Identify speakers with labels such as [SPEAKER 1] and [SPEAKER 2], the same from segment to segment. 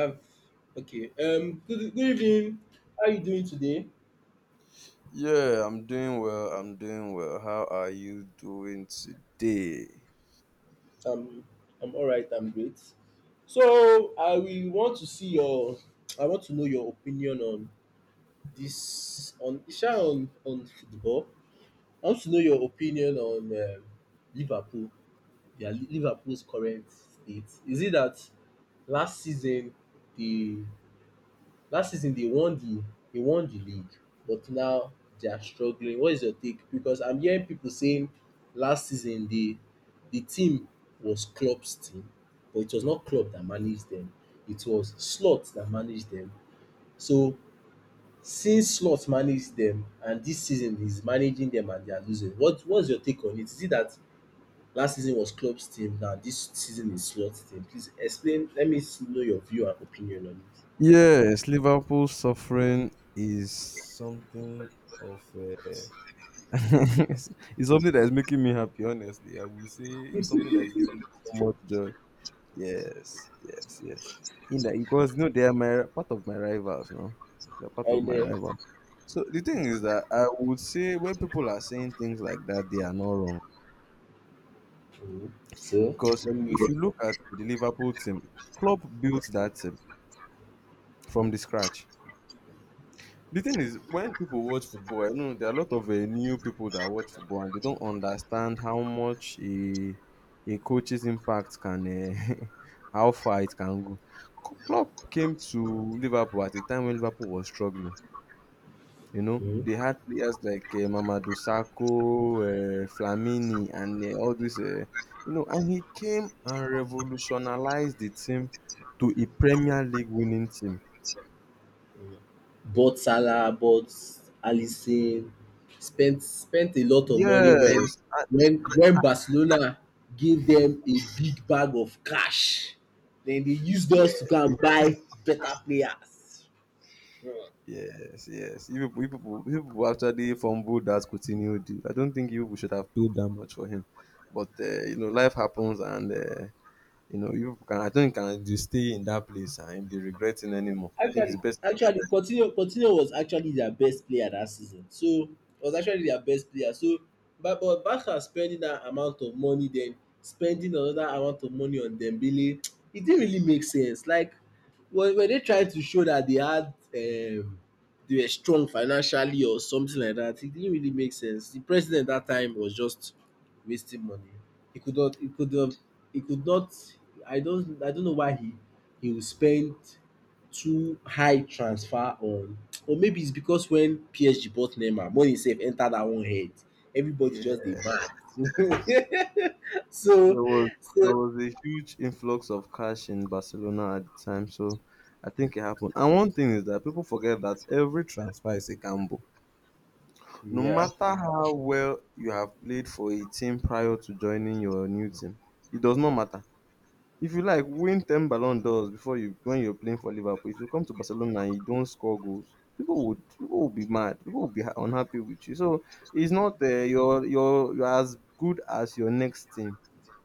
[SPEAKER 1] Uh, Okay. Good evening. How are you doing today?
[SPEAKER 2] Yeah, I'm doing well. I'm doing well. How are you doing today?
[SPEAKER 1] Um. I'm all right. I'm great. So I will want to see your. I want to know your opinion on this, on Isha, on football. I want to know your opinion on Liverpool. Yeah, Liverpool's current state. Is it that last season they Last season they won the league, but now they are struggling. What is your take? Because I'm hearing people saying last season the team was Klopp's team, but it was not Klopp that managed them. It was Slot that managed them. So since Slot managed them and this season he's managing them and they are losing, what's your take on it? Is it that last season was Klopp's team, now this season is Slot's team? Please explain. Let me know your view and opinion on it.
[SPEAKER 2] Yes, Liverpool suffering is something of a it's it's something that is making me happy, honestly. I will say it's something that's giving me so much joy. Yes, yes, yes. In that because you know they are my part of my rivals, no? They're part
[SPEAKER 1] I
[SPEAKER 2] of my
[SPEAKER 1] know.
[SPEAKER 2] rival. So the thing is that I would say when people are saying things like that, they are not wrong.
[SPEAKER 1] Mhm. So
[SPEAKER 2] Because
[SPEAKER 1] let me.
[SPEAKER 2] if you look at the Liverpool team, Klopp built that team from the scratch. The thing is, when people watch football, I know there are a lot of new people that watch football and they don't understand how much a coach's impact can, how far it can go. Klopp came to Liverpool at a time when Liverpool was struggling. You know,
[SPEAKER 1] Mhm.
[SPEAKER 2] they had players like Mamadou Sakho, Flamini, and all this. You know, and he came and revolutionized the team to a Premier League winning team.
[SPEAKER 1] Bought Salah, bought Alisson, spent a lot of money when
[SPEAKER 2] Yes,
[SPEAKER 1] when Barcelona gave them a big bag of cash. Then they used us to go and buy better players.
[SPEAKER 2] yes, yes. You people, you people, you people actually fumbled that Coutinho deal. I don't think you people should have paid that much for him, but you know, life happens, and you know, you people can. I don't think you can just stay in that place and be regretting anymore. I think it's
[SPEAKER 1] Actually,
[SPEAKER 2] best.
[SPEAKER 1] actually, Coutinho was actually their best player that season. So was actually their best player. So, but Barca spending that amount of money, then spending another amount of money on Dembele, it didn't really make sense. Like, were they trying to show that they were strong financially or something like that? It didn't really make sense. The president that time was just wasting money. He could not. He could have. He could not. I don't know why he would spend too high transfer on, or maybe it's because when PSG bought Neymar, money safe enter that one head. Everybody
[SPEAKER 2] Yeah.
[SPEAKER 1] just dey mad. so
[SPEAKER 2] There was there
[SPEAKER 1] so
[SPEAKER 2] was a huge influx of cash in Barcelona at the time, so I think it happened. And one thing is that people forget that every transfer is a gamble. No
[SPEAKER 1] yeah,
[SPEAKER 2] matter how well you have played for a team prior to joining your new team, it does not matter if you like win 10 ballon d'ors before you when you're playing for Liverpool. If you come to Barcelona and you don't score goals, people would be mad. People would be unhappy with you. So it's not you're as good as your next team.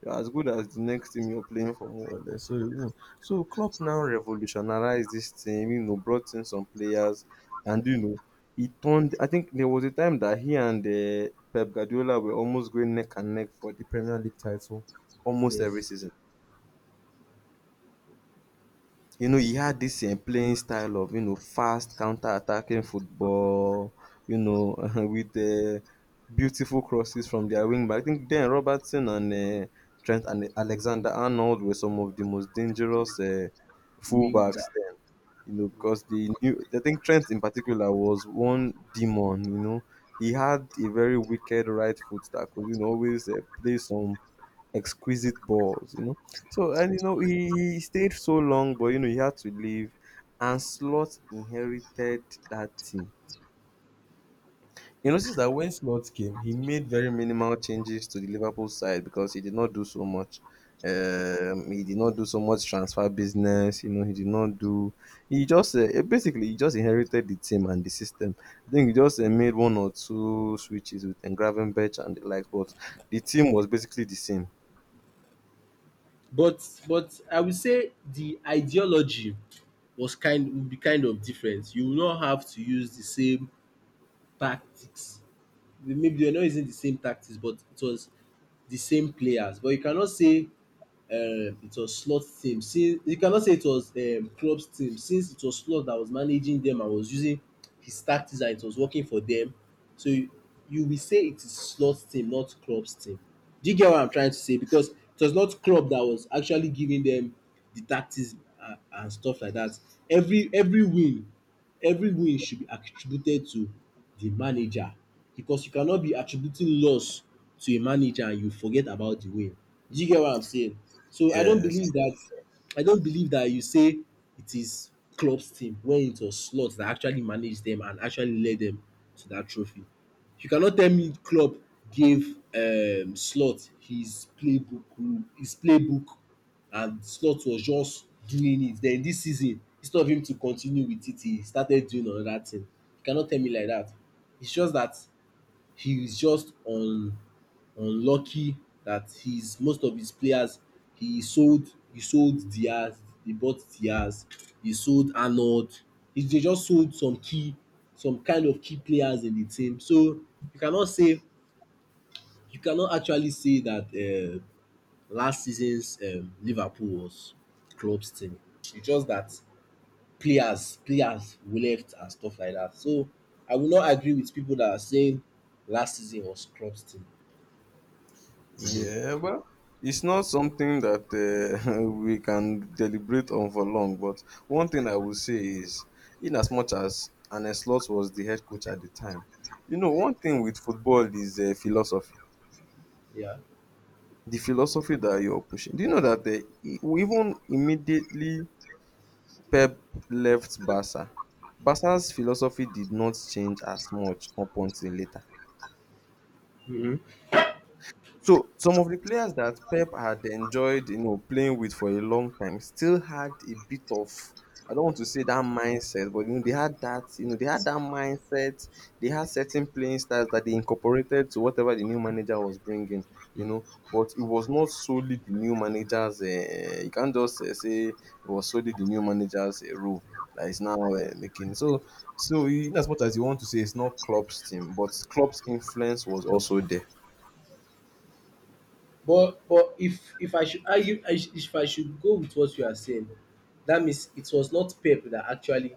[SPEAKER 2] You're as good as the next team you're playing for, more or less. So you know, so Klopp now revolutionized this team, you know, brought in some players, and you know he turned. I think there was a time that he and Pep Guardiola were almost going neck and neck for the Premier League title almost every
[SPEAKER 1] yes,
[SPEAKER 2] season. You know, he had this playing style of, you know, fast counter-attacking football, you know, with beautiful crosses from their wing back. I think then Robertson and Trent and Alexander-Arnold were some of the most dangerous
[SPEAKER 1] wing
[SPEAKER 2] fullbacks
[SPEAKER 1] back.
[SPEAKER 2] then, you know, because they knew. I think Trent in particular was one demon, you know. He had a very wicked right foot that could, you know, always play some exquisite balls, you know. So and you know he stayed so long, but you know he had to leave, and Slot inherited that team. You notice that when Slot came, he made very minimal changes to the Liverpool side because he did not do so much. He did not do so much transfer business. You know, he did not do. He just basically he just inherited the team and the system. I think he just made one or two switches with Engravenberch and the likes, but the team was basically the same.
[SPEAKER 1] But I will say the ideology was kind would be kind of different. You will not have to use the same tactics. Maybe they are not using the same tactics, but it was the same players. But you cannot say it was Slot team, since you cannot say it was Klopp's team, since it was Slot that was managing them and was using his tactics and it was working for them, so you will say it is Slot's team, not Klopp's team. Do you get what I'm trying to say? Because it was not Klopp that was actually giving them the tactics, and stuff like that. Every every win every win should be attributed to the manager, because you cannot be attributing loss to a manager and you forget about the win. Do you get what I'm saying? So I don't
[SPEAKER 2] Yes.
[SPEAKER 1] believe that I don't believe that you say it is Klopp's team when it was Slot that actually managed them and actually led them to that trophy. You cannot tell me Klopp gave Slot his playbook and Slot was just doing it. Then this season, instead of him to continue with it, he started doing another thing. You cannot tell me like that. It's just that he is just unlucky that his most of his players he sold Diaz, he bought Diaz, he sold Arnold. He they just sold some key some kind of key players in the team. So you cannot say you cannot actually say that uh, last season's Liverpool was Klopp's team. It's just that players left and stuff like that. So I will not agree with people that are saying last season was Klopp's team. Again.
[SPEAKER 2] Yeah, well, it's not something that we can deliberate on for long. But one thing I will say is, in as much as Arne Slot was the head coach at the time, you know, one thing with football is philosophy.
[SPEAKER 1] Yeah.
[SPEAKER 2] The philosophy that you're pushing. Do you know that even immediately Pep left Barca, Barca's philosophy did not change as much up until later.
[SPEAKER 1] Mhm.
[SPEAKER 2] So some of the players that Pep had enjoyed, you know, playing with for a long time still had a bit of, I don't want to say that mindset, but you know, they had that, you know, they had that mindset. They had certain playing styles that they incorporated to whatever the new manager was bringing, you know. But it was not solely the new manager's. You can't just say it was solely the new manager's role that is now making. So, so in as much as you want to say it's not Klopp's team, but Klopp's influence was also there.
[SPEAKER 1] But if I should argue I if I should go with what you are saying, that means it was not Pep that actually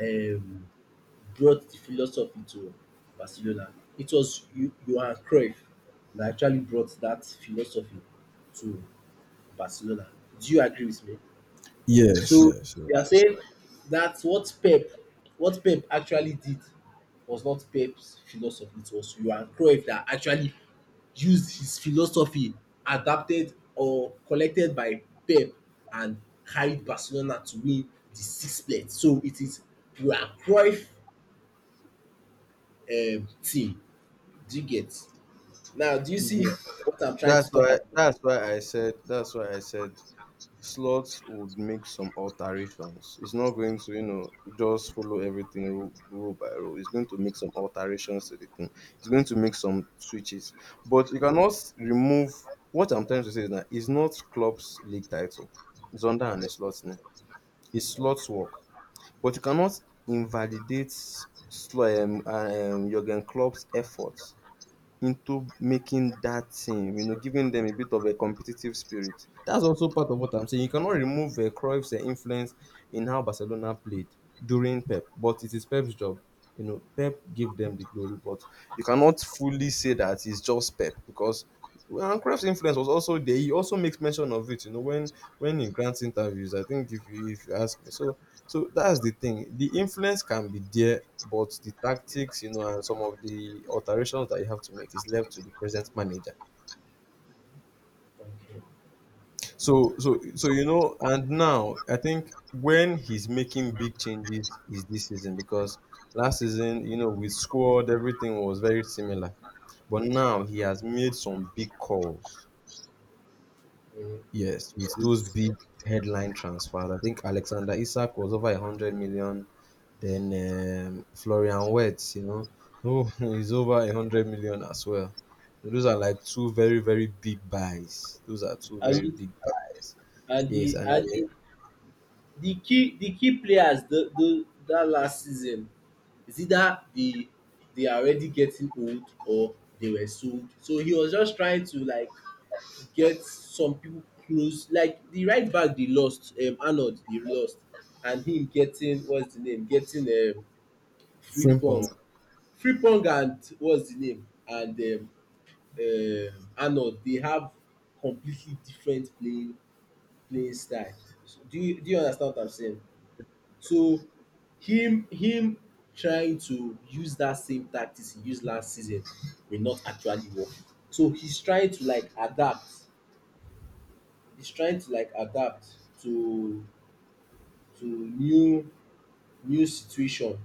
[SPEAKER 1] um, brought the philosophy to Barcelona. It was you Johan Cruyff that actually brought that philosophy to Barcelona. Do you agree with me?
[SPEAKER 2] Yes,
[SPEAKER 1] So
[SPEAKER 2] yes, yes.
[SPEAKER 1] you are saying that what Pep actually did was not Pep's philosophy. It was Johan Cruyff that actually used his philosophy, adapted or collected by Pep, and carried Barcelona to win the sixplet. So it is Johan Cruyff team. Do you get? Now, do you see
[SPEAKER 2] Yeah.
[SPEAKER 1] what I'm trying to talk about?
[SPEAKER 2] That's why I said that's why I said slots would make some alterations. It's not going to, you know, just follow everything rule by rule. It's going to make some alterations to the thing. It's going to make some switches. But you cannot remove. What I'm trying to say is that it's not club's league title. It's under an slot name. It's slots work. But you cannot invalidate Jurgen Klopp's efforts into making that team, you know, giving them a bit of a competitive spirit. That's also part of what I'm saying. You cannot remove Cruyff's influence in how Barcelona played during Pep, but it is Pep's job. You know, Pep gave them the glory, but you cannot fully say that it's just Pep because well, and Cruyff's influence was also there. He also makes mention of it, you know, when he grants interviews. I think if you ask me. So that's the thing. The influence can be there, but the tactics, you know, and some of the alterations that you have to make is left to the present manager.
[SPEAKER 1] Okay.
[SPEAKER 2] So you know, and now I think when he's making big changes is this season because last season, you know, with squad everything was very similar, but now he has made some big calls. Yes, with those big headline transfers. I think Alexander Isak was over 100 million. Then Florian Wirtz, you know, oh, he's over 100 million as well. Those are like two very very big buys. Those are two
[SPEAKER 1] And
[SPEAKER 2] very
[SPEAKER 1] you,
[SPEAKER 2] big buys. Yes, and
[SPEAKER 1] and the key players the that last season is either they are already getting old or they were sold. So he was just trying to like get some people close. Like the right back they lost, Arnold they lost, and him getting what's the name? Getting Frimpong,
[SPEAKER 2] Frimpong.
[SPEAKER 1] Frimpong, and what's the name? And Arnold, they have completely different playing style. So do you understand what I'm saying? So him trying to use that same tactics he used last season will not actually work. So he's trying to like adapt. He's trying to like adapt to to new situation.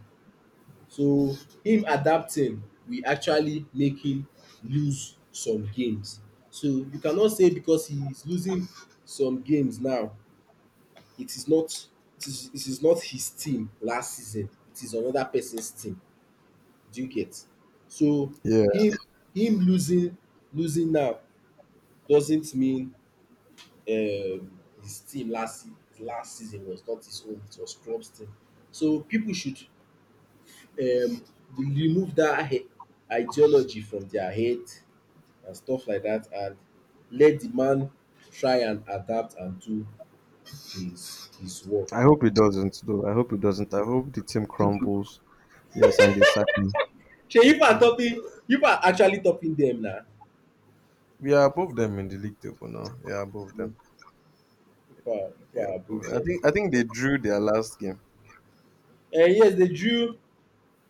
[SPEAKER 1] So him adapting will actually make him lose some games. So you cannot say because he is losing some games now, it is not it is not his team last season. It is another person's team. Do you get? So
[SPEAKER 2] Yeah,
[SPEAKER 1] him him losing now doesn't mean his team last season was not his own, it was club's team. So people should um remove that ideology from their head and stuff like that, and let the man try and adapt and do his work.
[SPEAKER 2] I hope it doesn't though. I hope it doesn't. I hope the team crumbles. Yes, and they sack him.
[SPEAKER 1] Shey you people are topping you people are actually topping them now.
[SPEAKER 2] We are above them in the league table now. Yeah, above
[SPEAKER 1] You know,
[SPEAKER 2] them.
[SPEAKER 1] people are you
[SPEAKER 2] Yeah,
[SPEAKER 1] are above
[SPEAKER 2] above them. I
[SPEAKER 1] them.
[SPEAKER 2] think they drew their last game.
[SPEAKER 1] And yes, they drew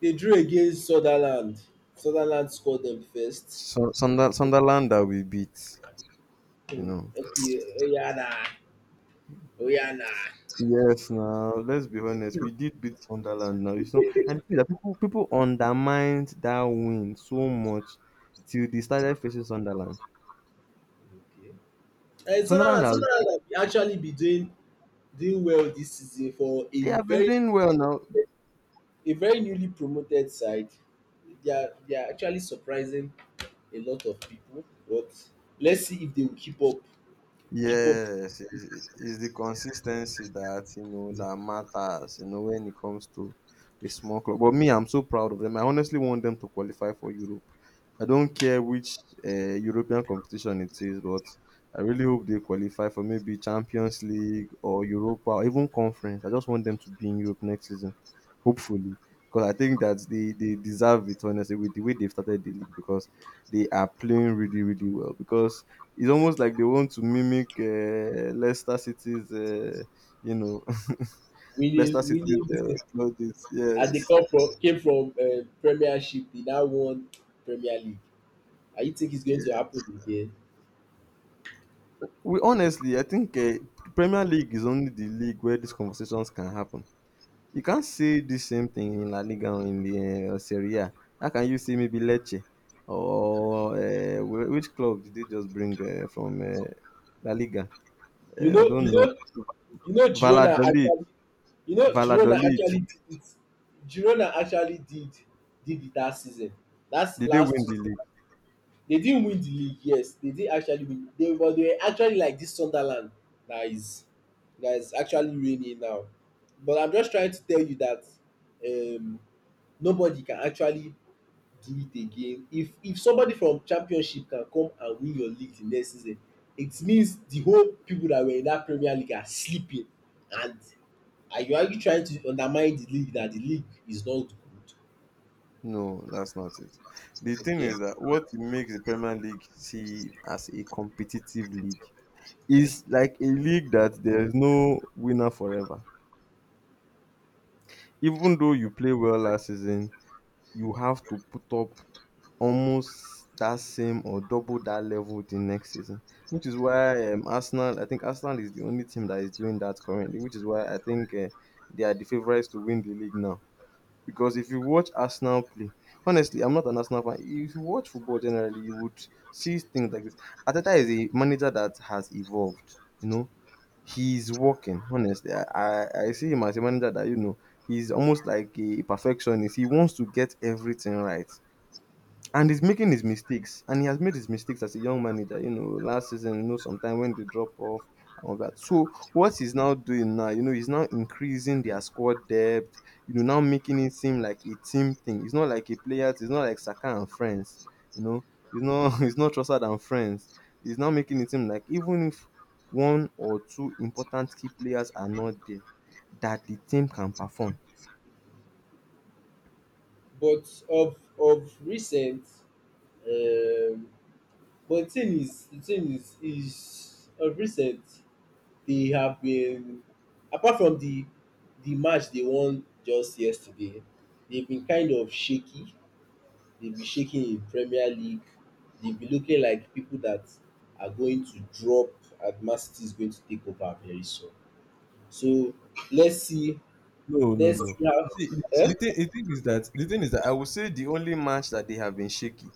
[SPEAKER 1] They drew against Sunderland. Sunderland scored them first.
[SPEAKER 2] So Sunderland that we beat. You
[SPEAKER 1] Hmm.
[SPEAKER 2] know,
[SPEAKER 1] Okay, Oyana, Oyana.
[SPEAKER 2] yes, now let's be honest, we did beat Sunderland now. You know, and the thing is that people undermined that win so much till they started facing Sunderland.
[SPEAKER 1] Okay. And
[SPEAKER 2] Sunderland
[SPEAKER 1] Sunderland,
[SPEAKER 2] has,
[SPEAKER 1] Sunderland have actually be doing well this season, for a
[SPEAKER 2] they have been
[SPEAKER 1] very
[SPEAKER 2] doing well now.
[SPEAKER 1] a very newly promoted side. They are actually surprising a lot of people. But let's see if they will keep up
[SPEAKER 2] Yes, it's the consistency that, you know, that matters. You know, when it comes to a small club. But me, I'm so proud of them. I honestly want them to qualify for Europe. I don't care which European competition it is, but I really hope they qualify for maybe Champions League or Europa or even Conference. I just want them to be in Europe next season, hopefully, because I think that they deserve it honestly with the way they've started the league, because they are playing really really well, because it's almost like they want to mimic Leicester City's, you know,
[SPEAKER 1] winning
[SPEAKER 2] Leicester City's
[SPEAKER 1] winning this thing.
[SPEAKER 2] plaudits.
[SPEAKER 1] As they
[SPEAKER 2] Yes,
[SPEAKER 1] come from came from Premiership, they now won Premier League. I you think it's going to
[SPEAKER 2] yeah.
[SPEAKER 1] happen again?
[SPEAKER 2] We honestly, I think Premier League is only the league where these conversations can happen. You can't say the same thing in La Liga or in the Serie A. How can you say maybe Lecce or which club did they just bring from La Liga?
[SPEAKER 1] You
[SPEAKER 2] I
[SPEAKER 1] know, you
[SPEAKER 2] don't know.
[SPEAKER 1] know, Girona
[SPEAKER 2] Valladolid.
[SPEAKER 1] actually, Girona
[SPEAKER 2] Valladolid.
[SPEAKER 1] actually did it. Girona actually did it that season. That's
[SPEAKER 2] Did they
[SPEAKER 1] last
[SPEAKER 2] win
[SPEAKER 1] two.
[SPEAKER 2] the league?
[SPEAKER 1] They didn't win the league. Yes, they did actually win. They but they were actually like this Sunderland that is that is actually raining now. But I'm just trying to tell you that um, nobody can actually do it again. If somebody from championship can come and win your league the next season, it means the whole people that were in that Premier League are sleeping, and are you trying to undermine the league, that the league is not good.
[SPEAKER 2] No, that's not it. The thing
[SPEAKER 1] Okay.
[SPEAKER 2] is that what makes the Premier League see as a competitive league is like a league that there is no winner forever. Even though you play well last season, you have to put up almost that same or double that level the next season, which is why Arsenal. I think Arsenal is the only team that is doing that currently, which is why I think they are the favourites to win the league now. Because if you watch Arsenal play, honestly, I'm not an Arsenal fan. If you watch football generally, you would see things like this. Ateta is a manager that has evolved. You know, he's working. Honestly, I see him as a manager that you know he's almost like a perfectionist. He wants to get everything right. And he's making his mistakes, and he has made his mistakes as a young manager. You know, last season, you know, sometime when they drop off and all that. So what he's now doing now, you know, he's now increasing their squad depth. You know, now making it seem like a team thing. It's not like a player. It's not like Saka and friends. You know, it's not it's not Trossard and friends. He's now making it seem like even if one or two important key players are not there, that the team can perform.
[SPEAKER 1] But of recent, um but the thing is of recent they have been, apart from the match they won just yesterday, they've been kind of shaky, they'll be shaking in Premier League. They'll be looking like people that are going to drop and Man City is going to take over very soon. So let's see.
[SPEAKER 2] No, no,
[SPEAKER 1] Let's
[SPEAKER 2] no.
[SPEAKER 1] see how,
[SPEAKER 2] You see,
[SPEAKER 1] eh?
[SPEAKER 2] the thing is that the thing is that I would say the only match that they have been shaky,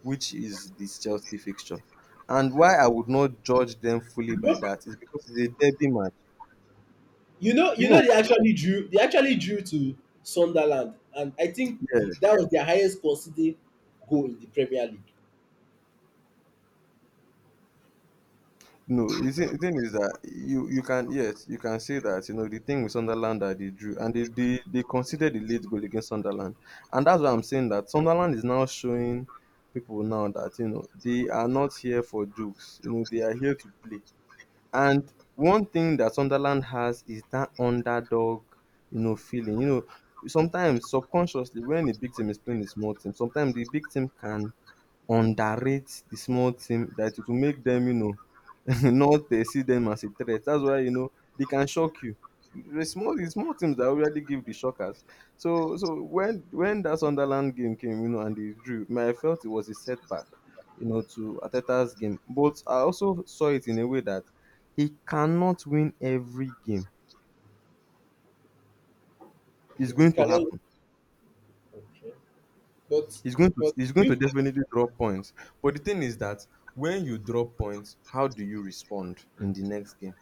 [SPEAKER 2] which is this Chelsea fixture, and why I would not judge them
[SPEAKER 1] you
[SPEAKER 2] fully by
[SPEAKER 1] know,
[SPEAKER 2] that is because it's a derby match.
[SPEAKER 1] you know,
[SPEAKER 2] You know,
[SPEAKER 1] They actually drew to Sunderland, and I think the,
[SPEAKER 2] yes,
[SPEAKER 1] that was their highest conceding goal in the Premier League.
[SPEAKER 2] no. You see, the thing is that you can, yes, you can say that the thing with Sunderland that they drew, and they considered the late goal against Sunderland, and that's why I'm saying that Sunderland is now showing people now that they are not here for jokes. You know, they are here to play. And one thing that Sunderland has is that underdog, you know, feeling. You know, sometimes subconsciously when a big team is playing a small team, sometimes the big team can underrate the small team, that it will make them, not see them as a threat. That's why they can shock you. The small teams that already give the shockers. So, so when that Sunderland game came, you know, and they drew, man, I felt it was a setback, you know, to Ateta's game. But I also saw it in a way that he cannot win every game. It's
[SPEAKER 1] We
[SPEAKER 2] going to
[SPEAKER 1] cannot,
[SPEAKER 2] happen.
[SPEAKER 1] okay. but
[SPEAKER 2] He's going to
[SPEAKER 1] but
[SPEAKER 2] he's going to
[SPEAKER 1] you,
[SPEAKER 2] definitely drop points. But the thing is that when you drop points, how do you respond in the next game?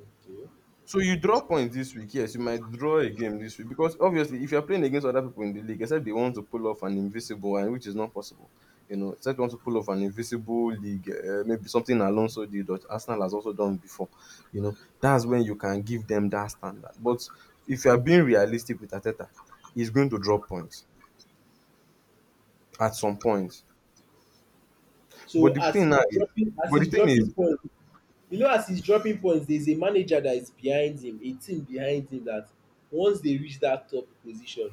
[SPEAKER 1] okay.
[SPEAKER 2] So you draw points this week, yes, you might draw a game this week, because obviously if you're playing against other people in the league, except they want to pull off an invisible one, which is not possible. You know, except they want to pull off an invisible league, maybe something Alonso did, or Arsenal has also done before. You know, that's when you can give them that standard. But if you are being realistic with Ateta, he's going to drop points at some point.
[SPEAKER 1] So
[SPEAKER 2] But the
[SPEAKER 1] as
[SPEAKER 2] thing
[SPEAKER 1] he's
[SPEAKER 2] now is,
[SPEAKER 1] dropping, as
[SPEAKER 2] but the
[SPEAKER 1] he's
[SPEAKER 2] thing
[SPEAKER 1] dropping
[SPEAKER 2] is,
[SPEAKER 1] points, you know as he's dropping points, there's a manager that is behind him, a team behind him, that once they reach that top position,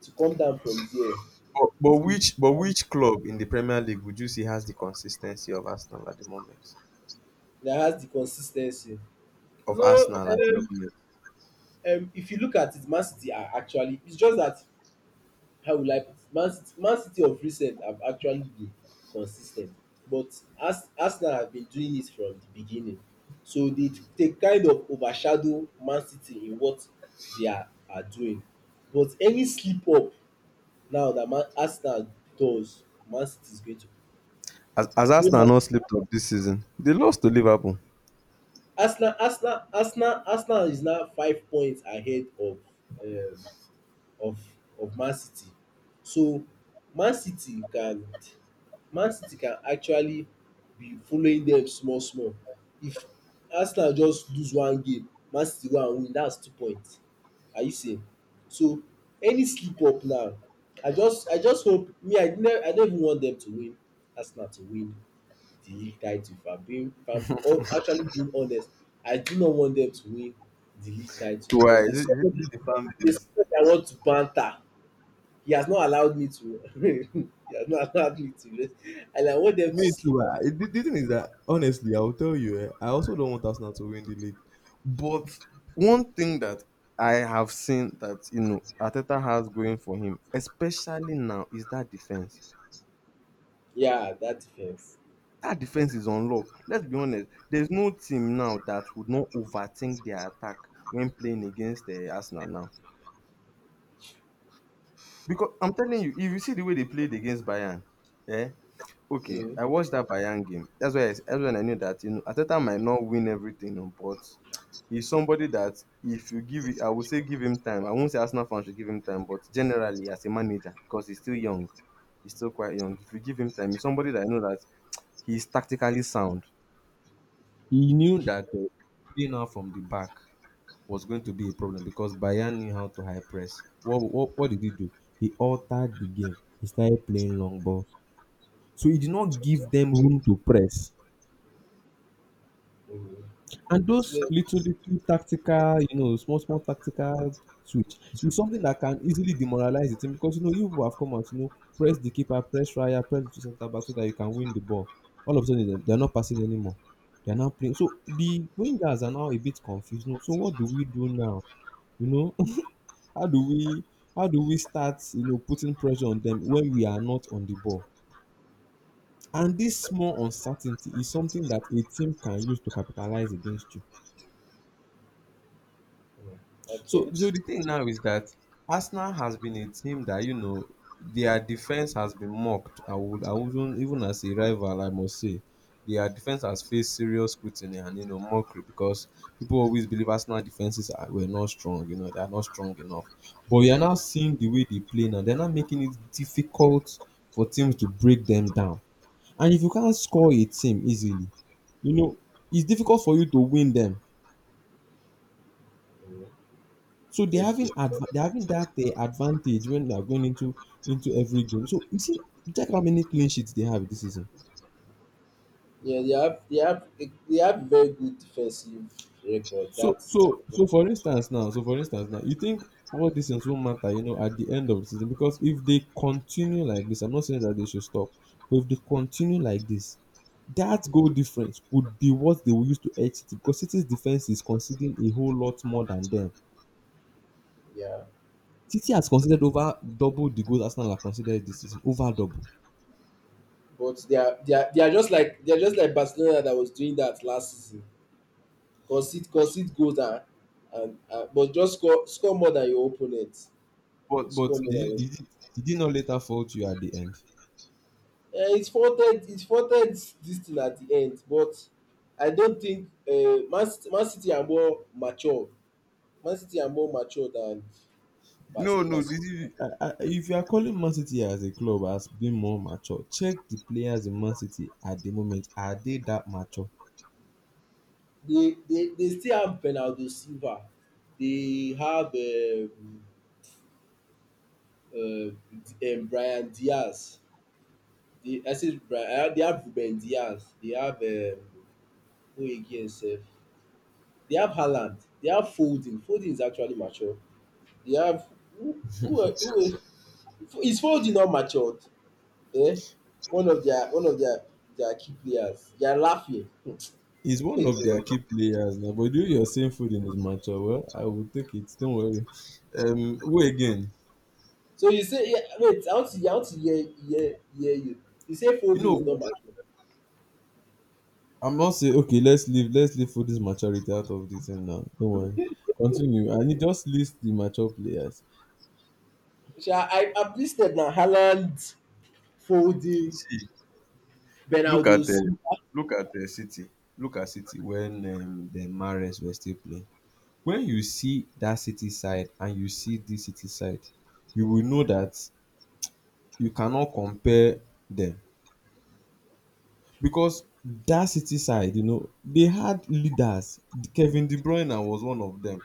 [SPEAKER 1] to come down from there is good.
[SPEAKER 2] but which club in the Premier League would you say has the consistency of Arsenal at the moment?
[SPEAKER 1] That has the consistency.
[SPEAKER 2] Of
[SPEAKER 1] No,
[SPEAKER 2] Arsenal at the moment,
[SPEAKER 1] if you look at it, Man City are actually, it's just that how will I put it? Man City of recent have actually been consistent, but Arsenal have been doing it from the beginning. So they kind of overshadow Man City in what they are doing. But any slip up now that Man Arsenal does, Man City is going to.
[SPEAKER 2] as
[SPEAKER 1] Do you know
[SPEAKER 2] Arsenal
[SPEAKER 1] Man-
[SPEAKER 2] not slipped up this season? They lost to Liverpool.
[SPEAKER 1] Arsenal, Arsenal, Arsenal, Arsenal is now 5 points ahead of um, of Man City. So Man City can Man City can actually be following dem small small. If Arsenal just lose one game, Man City go and win dats 2 point. Are you seeing? So any slip up now, I just hope, me, I no even want dem to win Arsenal to win the league title. If I'm being, if I'm actually being honest, I do not want them to win the league title,
[SPEAKER 2] Why?
[SPEAKER 1] because
[SPEAKER 2] Is
[SPEAKER 1] there's
[SPEAKER 2] it, is it, is
[SPEAKER 1] somebody
[SPEAKER 2] it the fan
[SPEAKER 1] there's
[SPEAKER 2] base?
[SPEAKER 1] somebody I want to banter, he has not allowed me to he has not allowed me to rest, and I want them to
[SPEAKER 2] Me
[SPEAKER 1] sleep.
[SPEAKER 2] too. Ah. The thing is that honestly, I will tell you, eh, I also don't want Arsenal to win the league. But one thing that I have seen that Arteta has going for him, especially now, is that defense.
[SPEAKER 1] Yeah, that defense.
[SPEAKER 2] That defense is unlocked. Let's be honest, there's no team now that would not overthink their attack when playing against Arsenal now. Because I'm telling you, if you see the way they played against Bayern, eh? Okay,
[SPEAKER 1] Mm.
[SPEAKER 2] I watched that Bayern game. That's when I knew that Arteta might not win everything oh, but he's somebody that if you give it, I would say give him time. I won't say Arsenal fans should give him time, but generally as a manager because he's still young, he's still quite young. If you give him time, he's somebody that I know that he's tactically sound. He knew that playing out from the back was going to be a problem because Bayern knew how to high press. What did he do? He altered the game. He started playing long balls. So he did not give them room to press.
[SPEAKER 1] Mm.
[SPEAKER 2] And those
[SPEAKER 1] Yeah.
[SPEAKER 2] little tactical, you know, small tactical switch is something that can easily demoralize the team, because you know you have come out, you know, press the keeper, press Raya, press the two centre back so that you can win the ball. All of a sudden, they're not passing anymore. They're now playing. So the wingers are now a bit confused. You know, so what do we do now? You know, how do we how do we start, you know, putting pressure on them when we are not on the ball? And this small uncertainty is something that a team can use to capitalize against you.
[SPEAKER 1] Mm.
[SPEAKER 2] So,
[SPEAKER 1] Okay.
[SPEAKER 2] the thing now is that Arsenal has been a team that you know their defense has been mocked. I wouldn't even, as a rival I must say, their defense has faced serious scrutiny and, you know, mockery, because people always believe Arsenal defenses are, were not strong. You know, they are not strong enough. But we are now seeing the way they play now. They're now making it difficult for teams to break them down. And if you can't score a team easily, you know, it's difficult for you to win them.
[SPEAKER 1] Mm.
[SPEAKER 2] So they're
[SPEAKER 1] Okay.
[SPEAKER 2] having adv- they're having that advantage when they're going into every game. So you see, check how many clean sheets they have this season.
[SPEAKER 1] Yeah, they have very good defensive record,
[SPEAKER 2] So
[SPEAKER 1] that's.
[SPEAKER 2] so so for instance now, so for instance now, you think all these things won't matter, you know, at the end of the season, because if they continue like this, I'm not saying that they should stop, but if they continue like this, that goal difference would be what they will use to edge City, because City's defense is conceding a whole lot more than them.
[SPEAKER 1] Yeah,
[SPEAKER 2] City has conceded over double the goals Arsenal have conceded this season, over double.
[SPEAKER 1] but they are just like Barcelona that was doing that last season. Concede goals and but just score more than your opponent.
[SPEAKER 2] But
[SPEAKER 1] Score
[SPEAKER 2] but
[SPEAKER 1] more
[SPEAKER 2] did he,
[SPEAKER 1] than your
[SPEAKER 2] did he, did he not later fault you at the end?
[SPEAKER 1] it faulted dis thing at the end. But I don't think Man City are more mature. Man City are more mature than
[SPEAKER 2] No,
[SPEAKER 1] Bas
[SPEAKER 2] no,
[SPEAKER 1] Bas
[SPEAKER 2] did he? If you are calling Man City as a club as being more mature, check the players in Man City at the moment. Are they that mature?
[SPEAKER 1] dey still have Bernardo Silva, dey have um Bryan Diaz, dey, I say Bryan, dey have Ruben Diaz, dey have who again sef? They have Haaland. They have Foden. Foden is actually mature. They have who, is Foden not matured? Eh? One of their their key players. They are laughing.
[SPEAKER 2] He's one
[SPEAKER 1] Hey God.
[SPEAKER 2] of their key players now, but you're saying Foden is mature. Well, I will take it. Don't worry. Who again?
[SPEAKER 1] So you say, yeah, wait, I want to hear you. You say
[SPEAKER 2] You
[SPEAKER 1] Foden is not
[SPEAKER 2] know,
[SPEAKER 1] mature.
[SPEAKER 2] I'm not saying okay. Let's leave. Let's leave Foden's maturity out of this and now. Don't worry. Continue. And you just list the mature players.
[SPEAKER 1] Sha I've listed now Haaland, Foden,
[SPEAKER 2] Look
[SPEAKER 1] Bernardo
[SPEAKER 2] at
[SPEAKER 1] Silva.
[SPEAKER 2] look at city, look at city when dem Mahrez were still playing. When you see that city side and you see this city side, you will know that you cannot compare them, because that city side, you know, they had leaders. Kevin De Bruyne was one of them.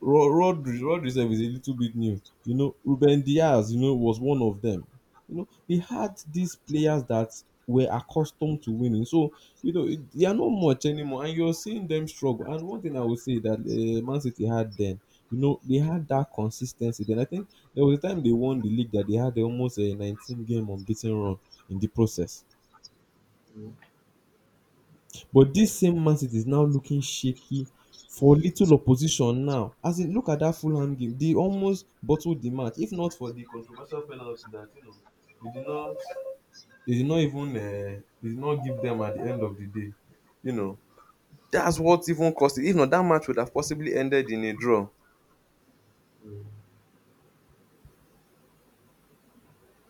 [SPEAKER 2] Rodri himself is a little bit new. You know, Ruben Diaz, you know, was one of them. You know, they had these players that were accustomed to winning. So, you know, it- they are not much anymore. And you're seeing them struggle. And one thing I would say that Man City had then, you know, they had that consistency. Then I think there was a time they won the league that they had almost a 19 game unbeaten run in the process. But this same Man City is now looking shaky for little opposition now. As in, look at that Fulham game. They almost bottled the match, if not for the controversial penalty that you know they did not they did not even they did not give them at the end of the day. You know, that's what even cost it. If not, that match would have possibly ended in a draw.
[SPEAKER 1] Mm.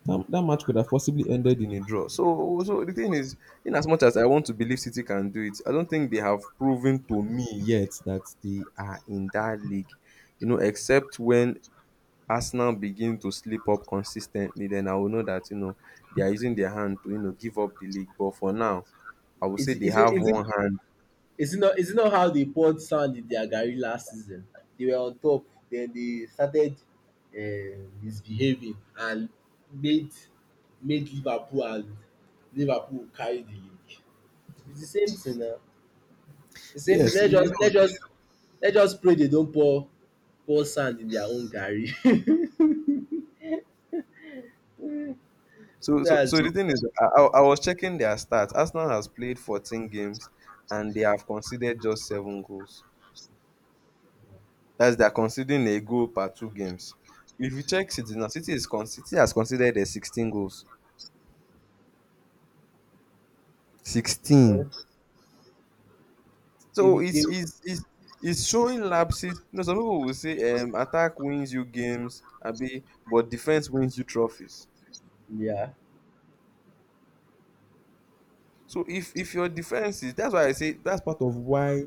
[SPEAKER 2] That match could have possibly ended in a draw. So, so the thing is, in as much as I want to believe City can do it, I don't think they have proven to me yet that they are in that league. You know, except when Arsenal begin to slip up consistently, then I will know that you know they are using their hand to, you know, give up the league. But for now, I would
[SPEAKER 1] Is
[SPEAKER 2] say
[SPEAKER 1] it
[SPEAKER 2] they
[SPEAKER 1] is it
[SPEAKER 2] have
[SPEAKER 1] is it
[SPEAKER 2] one hand.
[SPEAKER 1] Is it not how they poured sand in their garri last season? They were on top, then they started misbehaving and made made Liverpool, and Liverpool carry the league. It's the same thing now. The same
[SPEAKER 2] Yes,
[SPEAKER 1] thing. Let's
[SPEAKER 2] you
[SPEAKER 1] just let's
[SPEAKER 2] know.
[SPEAKER 1] just let's just pray they don't pour sand in their own garri.
[SPEAKER 2] So, so,
[SPEAKER 1] That's
[SPEAKER 2] so
[SPEAKER 1] it.
[SPEAKER 2] the thing is, I was checking their stats. Arsenal has played 14 games and they have conceded just seven goals. That's they are conceding a goal per two games. If you check City now, City has conceded 16 goals. 16.
[SPEAKER 1] um They
[SPEAKER 2] So
[SPEAKER 1] will they
[SPEAKER 2] it's
[SPEAKER 1] will
[SPEAKER 2] it's it's it's showing lapses. You know, some people will say attack wins you games, Abi, but defense wins you trophies.
[SPEAKER 1] yeah.
[SPEAKER 2] So if your defense is that's why I say that's part of why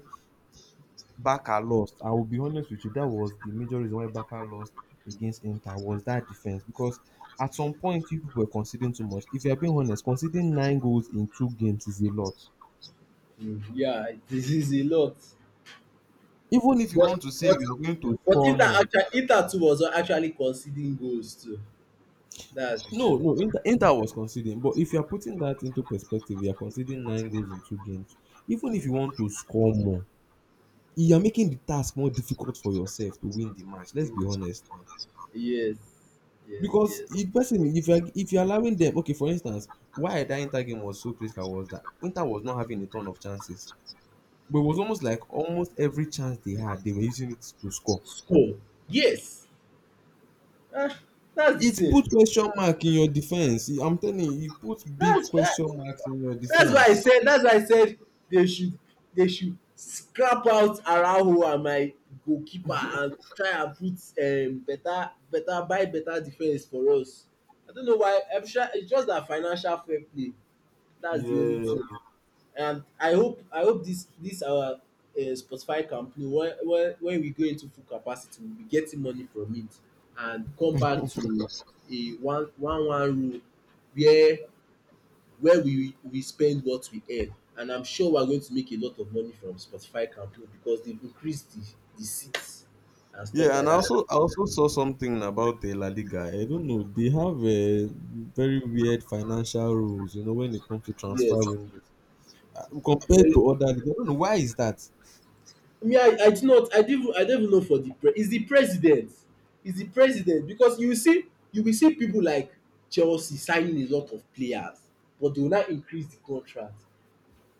[SPEAKER 2] Barca lost. I will be honest with you, that was the major reason why Barca lost against Inter was that defense, because at some point you people were conceding too much. If you are being honest, conceding nine goals in two games is a lot.
[SPEAKER 1] Yeah, this is a lot.
[SPEAKER 2] Even if you
[SPEAKER 1] But
[SPEAKER 2] want to say
[SPEAKER 1] but
[SPEAKER 2] you are going to
[SPEAKER 1] but
[SPEAKER 2] score more.
[SPEAKER 1] Inter too was actually conceding goals too. That's the
[SPEAKER 2] No,
[SPEAKER 1] thing.
[SPEAKER 2] no, Inter was conceding. But if you are putting that into perspective, you are conceding nine goals in two games. Even if you want to score more, you are making the task more difficult for yourself to win the match. Let's be honest now.
[SPEAKER 1] Yes, yes,
[SPEAKER 2] Because
[SPEAKER 1] yes.
[SPEAKER 2] if person if you are if you're allowing them, okay, for instance, why that Inter game was so critical was that Inter was not having a ton of chances, but it was almost like almost every chance they had they were using it to score.
[SPEAKER 1] Score. Yes. Ah, that's
[SPEAKER 2] It
[SPEAKER 1] the thing.
[SPEAKER 2] put question mark in your defense. I'm telling you, it put big
[SPEAKER 1] That's that.
[SPEAKER 2] question marks in your defense.
[SPEAKER 1] That's why I said they should scrap out Araujo and my goalkeeper and try and put better better buy better defense for us. I don't know why. I'm sure it's just that financial fair play. That's the only thing.
[SPEAKER 2] Yeah.
[SPEAKER 1] And I hope this our Spotify campaign, when we go into full capacity, we will be getting money from it and come back to a one rule where we spend what we earn. And I'm sure we are going to make a lot of money from Spotify campaign because they've increased the seats and stuff
[SPEAKER 2] Yeah,
[SPEAKER 1] like
[SPEAKER 2] and I
[SPEAKER 1] that.
[SPEAKER 2] also I also saw something about the La Liga. I don't know. They have very weird financial rules, you know, when it comes to transfer
[SPEAKER 1] Yes,
[SPEAKER 2] windows. Compared
[SPEAKER 1] very.
[SPEAKER 2] to other leagues. I don't know why is that.
[SPEAKER 1] Me, I do not, I don't even know. For the pre, is the president, is the president? Because you will see, people like Chelsea signing a lot of players, but they will now increase the contract.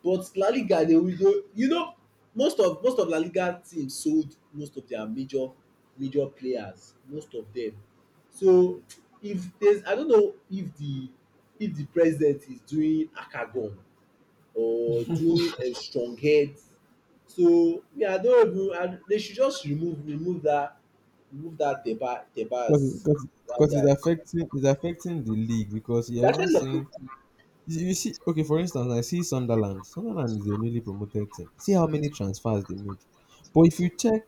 [SPEAKER 1] But La Liga, they will go, you know, most of La Liga teams sold most of their major players, most of them. So if there's, I don't know if the, president is doing akagon or doing a strong head. So me, I don't even. I, they should just remove that
[SPEAKER 2] because it,
[SPEAKER 1] Debas,
[SPEAKER 2] because it,
[SPEAKER 1] that
[SPEAKER 2] because it's
[SPEAKER 1] guy.
[SPEAKER 2] affecting the league, because
[SPEAKER 1] It's
[SPEAKER 2] you're even
[SPEAKER 1] actually a good
[SPEAKER 2] seeing
[SPEAKER 1] team.
[SPEAKER 2] you see, okay, for instance, I see Sunderland is a newly promoted team, see how many transfers they made. But if you check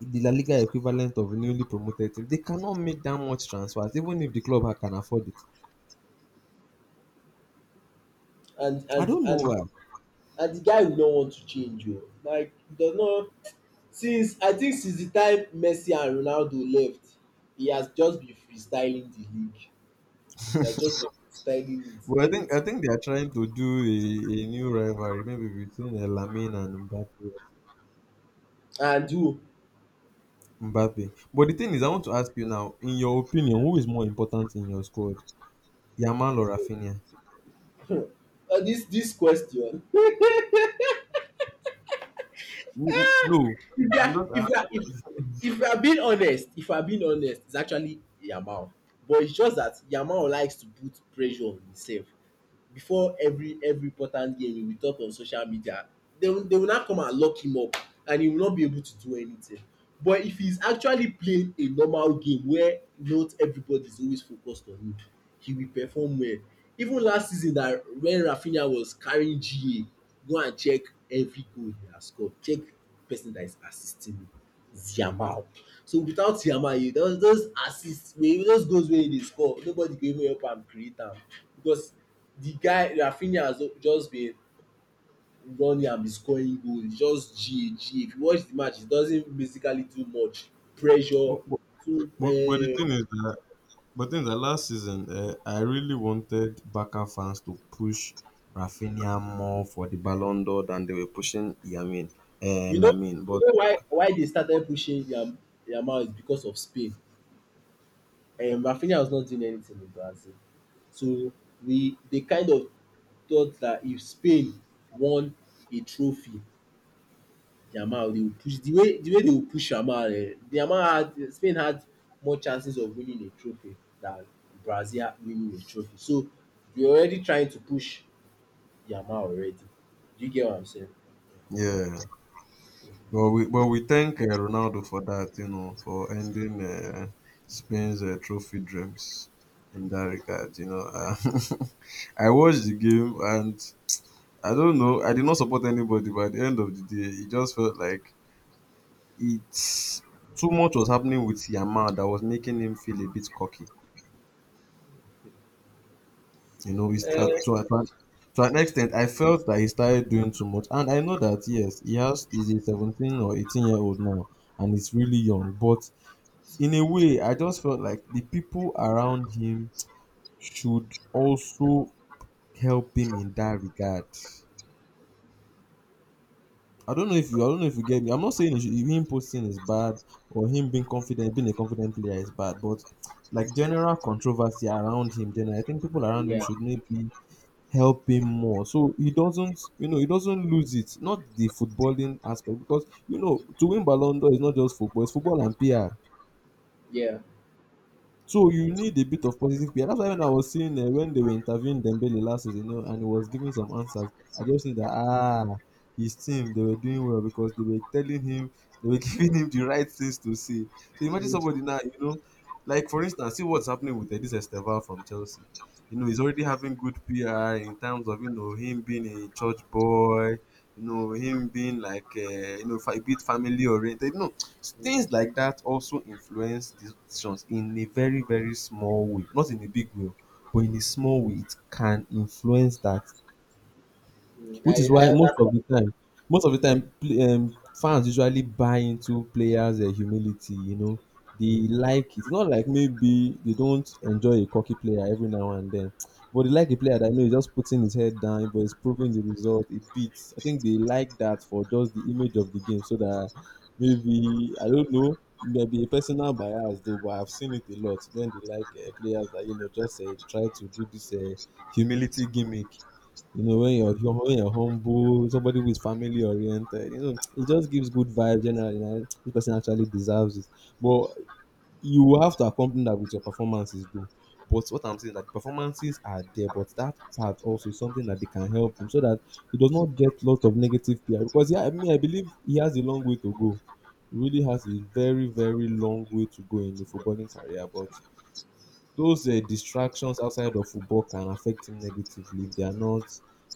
[SPEAKER 2] the La Liga equivalent of a newly promoted team, they cannot make that much transfers, even if the club can afford it.
[SPEAKER 1] and
[SPEAKER 2] I
[SPEAKER 1] and
[SPEAKER 2] don't know
[SPEAKER 1] and
[SPEAKER 2] why.
[SPEAKER 1] and the guy will not want to change you. Like, he does not, since, I think since the time Messi and Ronaldo left, he has just been freestyling the league. He has just been freestyling it.
[SPEAKER 2] But I think I
[SPEAKER 1] Anything.
[SPEAKER 2] think they are trying to do a new rivalry maybe between Lamine and Mbappe
[SPEAKER 1] And you
[SPEAKER 2] Mbappe But the thing is, I want to ask you now, in your opinion, who is more important in your squad, Yamal or Rafinha?
[SPEAKER 1] This question.
[SPEAKER 2] No,
[SPEAKER 1] If you
[SPEAKER 2] I'm
[SPEAKER 1] are
[SPEAKER 2] not
[SPEAKER 1] if you are if you are being honest if you are being honest it's actually Yamal, but it's just that Yamal likes to put pressure on himself. Before every important game, he will talk on social media. They will now come and lock him up, and he will not be able to do anything. But if he's actually playing a normal game where not everybody is always focused on him, he will perform well. Even last season, that when Rafinha was carrying GA, go and check every goal he has scored, check, person that is assisting me is Yamal. So without Yamal, you, those assist wey, those goals wey he dey score, nobody go even help am create am, because the guy Rafinha has just been running and be scoring goal. He's just GA GA. If you watch the match, he doesn't basically do much pressure
[SPEAKER 2] But, but,
[SPEAKER 1] too.
[SPEAKER 2] but the thing is that, last season, I really wanted Barca fans to push Rafinha more for the Ballon d'Or than they were pushing Yamin,
[SPEAKER 1] You know,
[SPEAKER 2] Lamin. But
[SPEAKER 1] why they started pushing yam, Yamal, is because of Spain. Rafinha was not doing anything in Brazil. So we, they kind of thought that if Spain won a trophy, Yamal, they would push, the way they would push Yamal. Eh, the amount had Spain had more chances of winning a trophy than Brazil winning a trophy. So they were already trying to push Yamal already. Do you get what I'm saying?
[SPEAKER 2] yeah, but we thank Ronaldo for that, you know, for ending Spain's trophy dreams in that regard. You know, I watched the game and I don't know, I did not support anybody. By the end of the day, it just felt like it's too much was happening with Yamal that was making him feel a bit cocky. You know, he started to an extent, I felt that he started doing too much. And I know that, yes, he has, he's a 17 or 18-year-old now, and he's really young. But in a way, I just felt like the people around him should also help him in that regard. I don't know if you get me. I'm not saying he should, him posting is bad or him being confident, being a confident player is bad, but like general controversy around him, then I think people around him
[SPEAKER 1] Yeah,
[SPEAKER 2] should maybe help him more so he doesn't, you know, he doesn't lose it, not the footballing aspect, because you know to win ballon d'or is not just football, it's football and pr.
[SPEAKER 1] yeah.
[SPEAKER 2] So you need a bit of positive PR. That's why when I was seeing when they were interviewing Dembele last season, you know, and he was giving some answers, I just knew that ah, his team they were doing well because they were telling him, they were giving him the right things to say. So imagine
[SPEAKER 1] Mm,
[SPEAKER 2] somebody now, you know, like for instance, see what's happening with this Estevan from Chelsea. You know, he's already having good PR in terms of you know him being a church boy, you know, him being like, you know, a bit family oriented. You know,
[SPEAKER 1] mm,
[SPEAKER 2] things like that also influence these decisions in a very, very small way. Not in a big way, but in a small way, it can influence that,
[SPEAKER 1] mm.
[SPEAKER 2] which is
[SPEAKER 1] I
[SPEAKER 2] why
[SPEAKER 1] I
[SPEAKER 2] most of the time, fans usually buy into players' humility. You know, they
[SPEAKER 1] understand.
[SPEAKER 2] like it. It's not like maybe they don't enjoy a cocky player every now and then, but they like a player that you know is just putting his head down, but is proving the result. It beats. I think they like that for just the image of the game, so that maybe I don't know. It may be a personal bias though, but I've seen it a lot when they like players that you know just try to do this humility gimmick, you know, when you're when you're humble, somebody who is family oriented, you know, it just gives good vibes generally. You this person actually deserves it. But you will have to accompany that with your performances, though. But what I'm saying, like performances are there, but that part also is something that they can help him so that he does not get lot of negative PR. Because yeah, I mean, I believe he has a long way to go. He really has a very, very long way to go in the footballing career, but those distractions outside of football can affect him negatively if they are not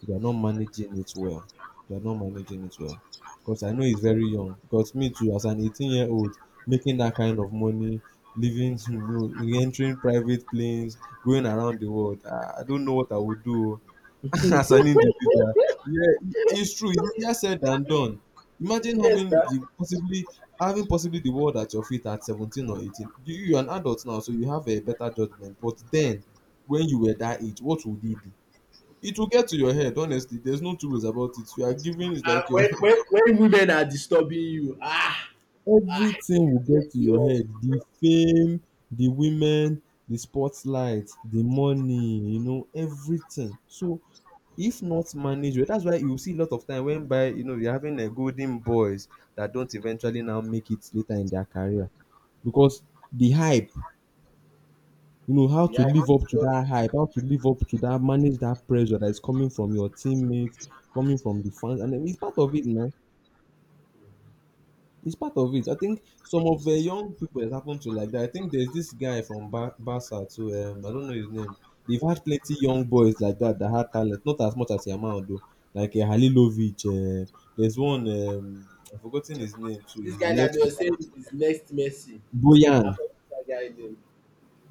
[SPEAKER 2] if they are not managing it well. They are not managing it well. Because I know he's very young. Because me too, as an 18-year-old, making that kind of money, living, you know, entering private planes, going around the world, I don't know what I would do. Oh. As an individual. Yeah, it's true. It's easier said than done. Imagine
[SPEAKER 1] Yes, na.
[SPEAKER 2] having the possibly having possibly the world at your feet at 17 or 18. You're an adult now, so you have a better judgment. But then, when you were that age, what would you do? It will get to your head, honestly. There's no two ways about it. You are given it's
[SPEAKER 1] And
[SPEAKER 2] like your
[SPEAKER 1] when women are disturbing you, ah. Ah,
[SPEAKER 2] Everything will
[SPEAKER 1] lo and
[SPEAKER 2] get to your
[SPEAKER 1] behold.
[SPEAKER 2] head. The fame, the women, the spotlight, the money, you know, everything. So if not managed well, that's why you see a lot of time when by you know you're having a golden boys that don't eventually now make it later in their career, because the hype, you know, how
[SPEAKER 1] I
[SPEAKER 2] to live
[SPEAKER 1] want to
[SPEAKER 2] up to
[SPEAKER 1] not,
[SPEAKER 2] that hype, how to live up to that, manage that pressure that is coming from your teammates, coming from the fans, and then it's part of it now. It's part of it. I think some of the young people it happened to like that. I think there's this guy from Barca too. I don't know his name. They've had plenty young boys like that that had talent, not as much as Yamal though. Like Halilovic. There's one. I've forgotten his name too.
[SPEAKER 1] this
[SPEAKER 2] He's a
[SPEAKER 1] guy that
[SPEAKER 2] left
[SPEAKER 1] they were
[SPEAKER 2] footer.
[SPEAKER 1] saying is next Messi. I
[SPEAKER 2] Boyan.
[SPEAKER 1] forgot that guy name.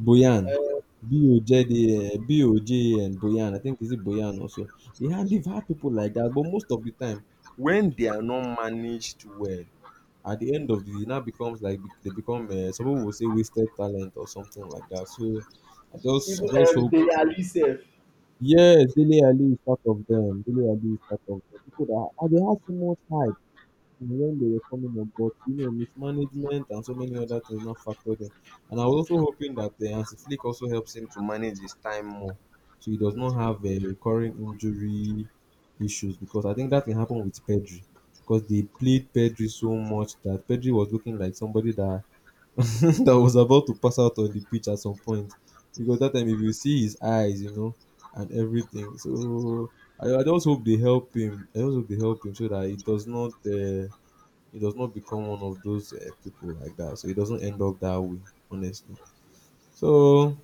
[SPEAKER 2] Boyan.
[SPEAKER 1] Uh,
[SPEAKER 2] B O J D B O J and Boyan. I think is it Boyan also. They've had people like that, but most of the time when they are not managed well, at the end of the it now becomes like they become some people will say wasted talent or something like that. So I
[SPEAKER 1] even
[SPEAKER 2] just hope
[SPEAKER 1] Dele Ali sef.
[SPEAKER 2] yes, Dele Ali is part of them. Dele Ali is part of them. People that ah, they have so much hype and when they were coming up, but you know, mismanagement and so many other things not factored in. And I was also hoping that the Hansi Flick also helps him to manage his time more, so he does
[SPEAKER 1] Hmm.
[SPEAKER 2] not have a recurring injury issues because I think that can happen with Pedri. Because they played Pedri so much that Pedri was looking like somebody that that was about to pass out on the pitch at some point. Because that time, if you see his eyes, you know, and everything. So I just hope they help him. I just hope they help him so that he does not become one of those people like that. So he doesn't end up that way, honestly. So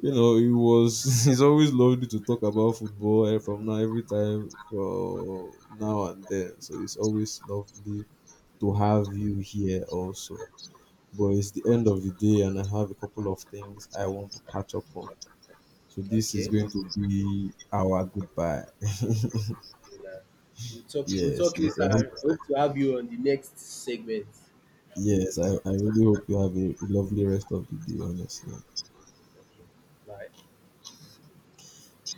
[SPEAKER 2] you know, he was he's always lovely to talk about football eh, from now every time for now and then. So it's always lovely to have you here also. But it's the end of the day, and I have a couple of things I want to catch up on. So this is
[SPEAKER 1] Okay.
[SPEAKER 2] going to be our goodbye.
[SPEAKER 1] Nah. We'll talk, we'll
[SPEAKER 2] Yes,
[SPEAKER 1] talk later.
[SPEAKER 2] yes, I
[SPEAKER 1] I
[SPEAKER 2] hope.
[SPEAKER 1] hope to have you on the next segment.
[SPEAKER 2] Yes,
[SPEAKER 1] Okay.
[SPEAKER 2] I really hope you have a lovely rest of the day. Honestly.
[SPEAKER 1] Okay. Bye.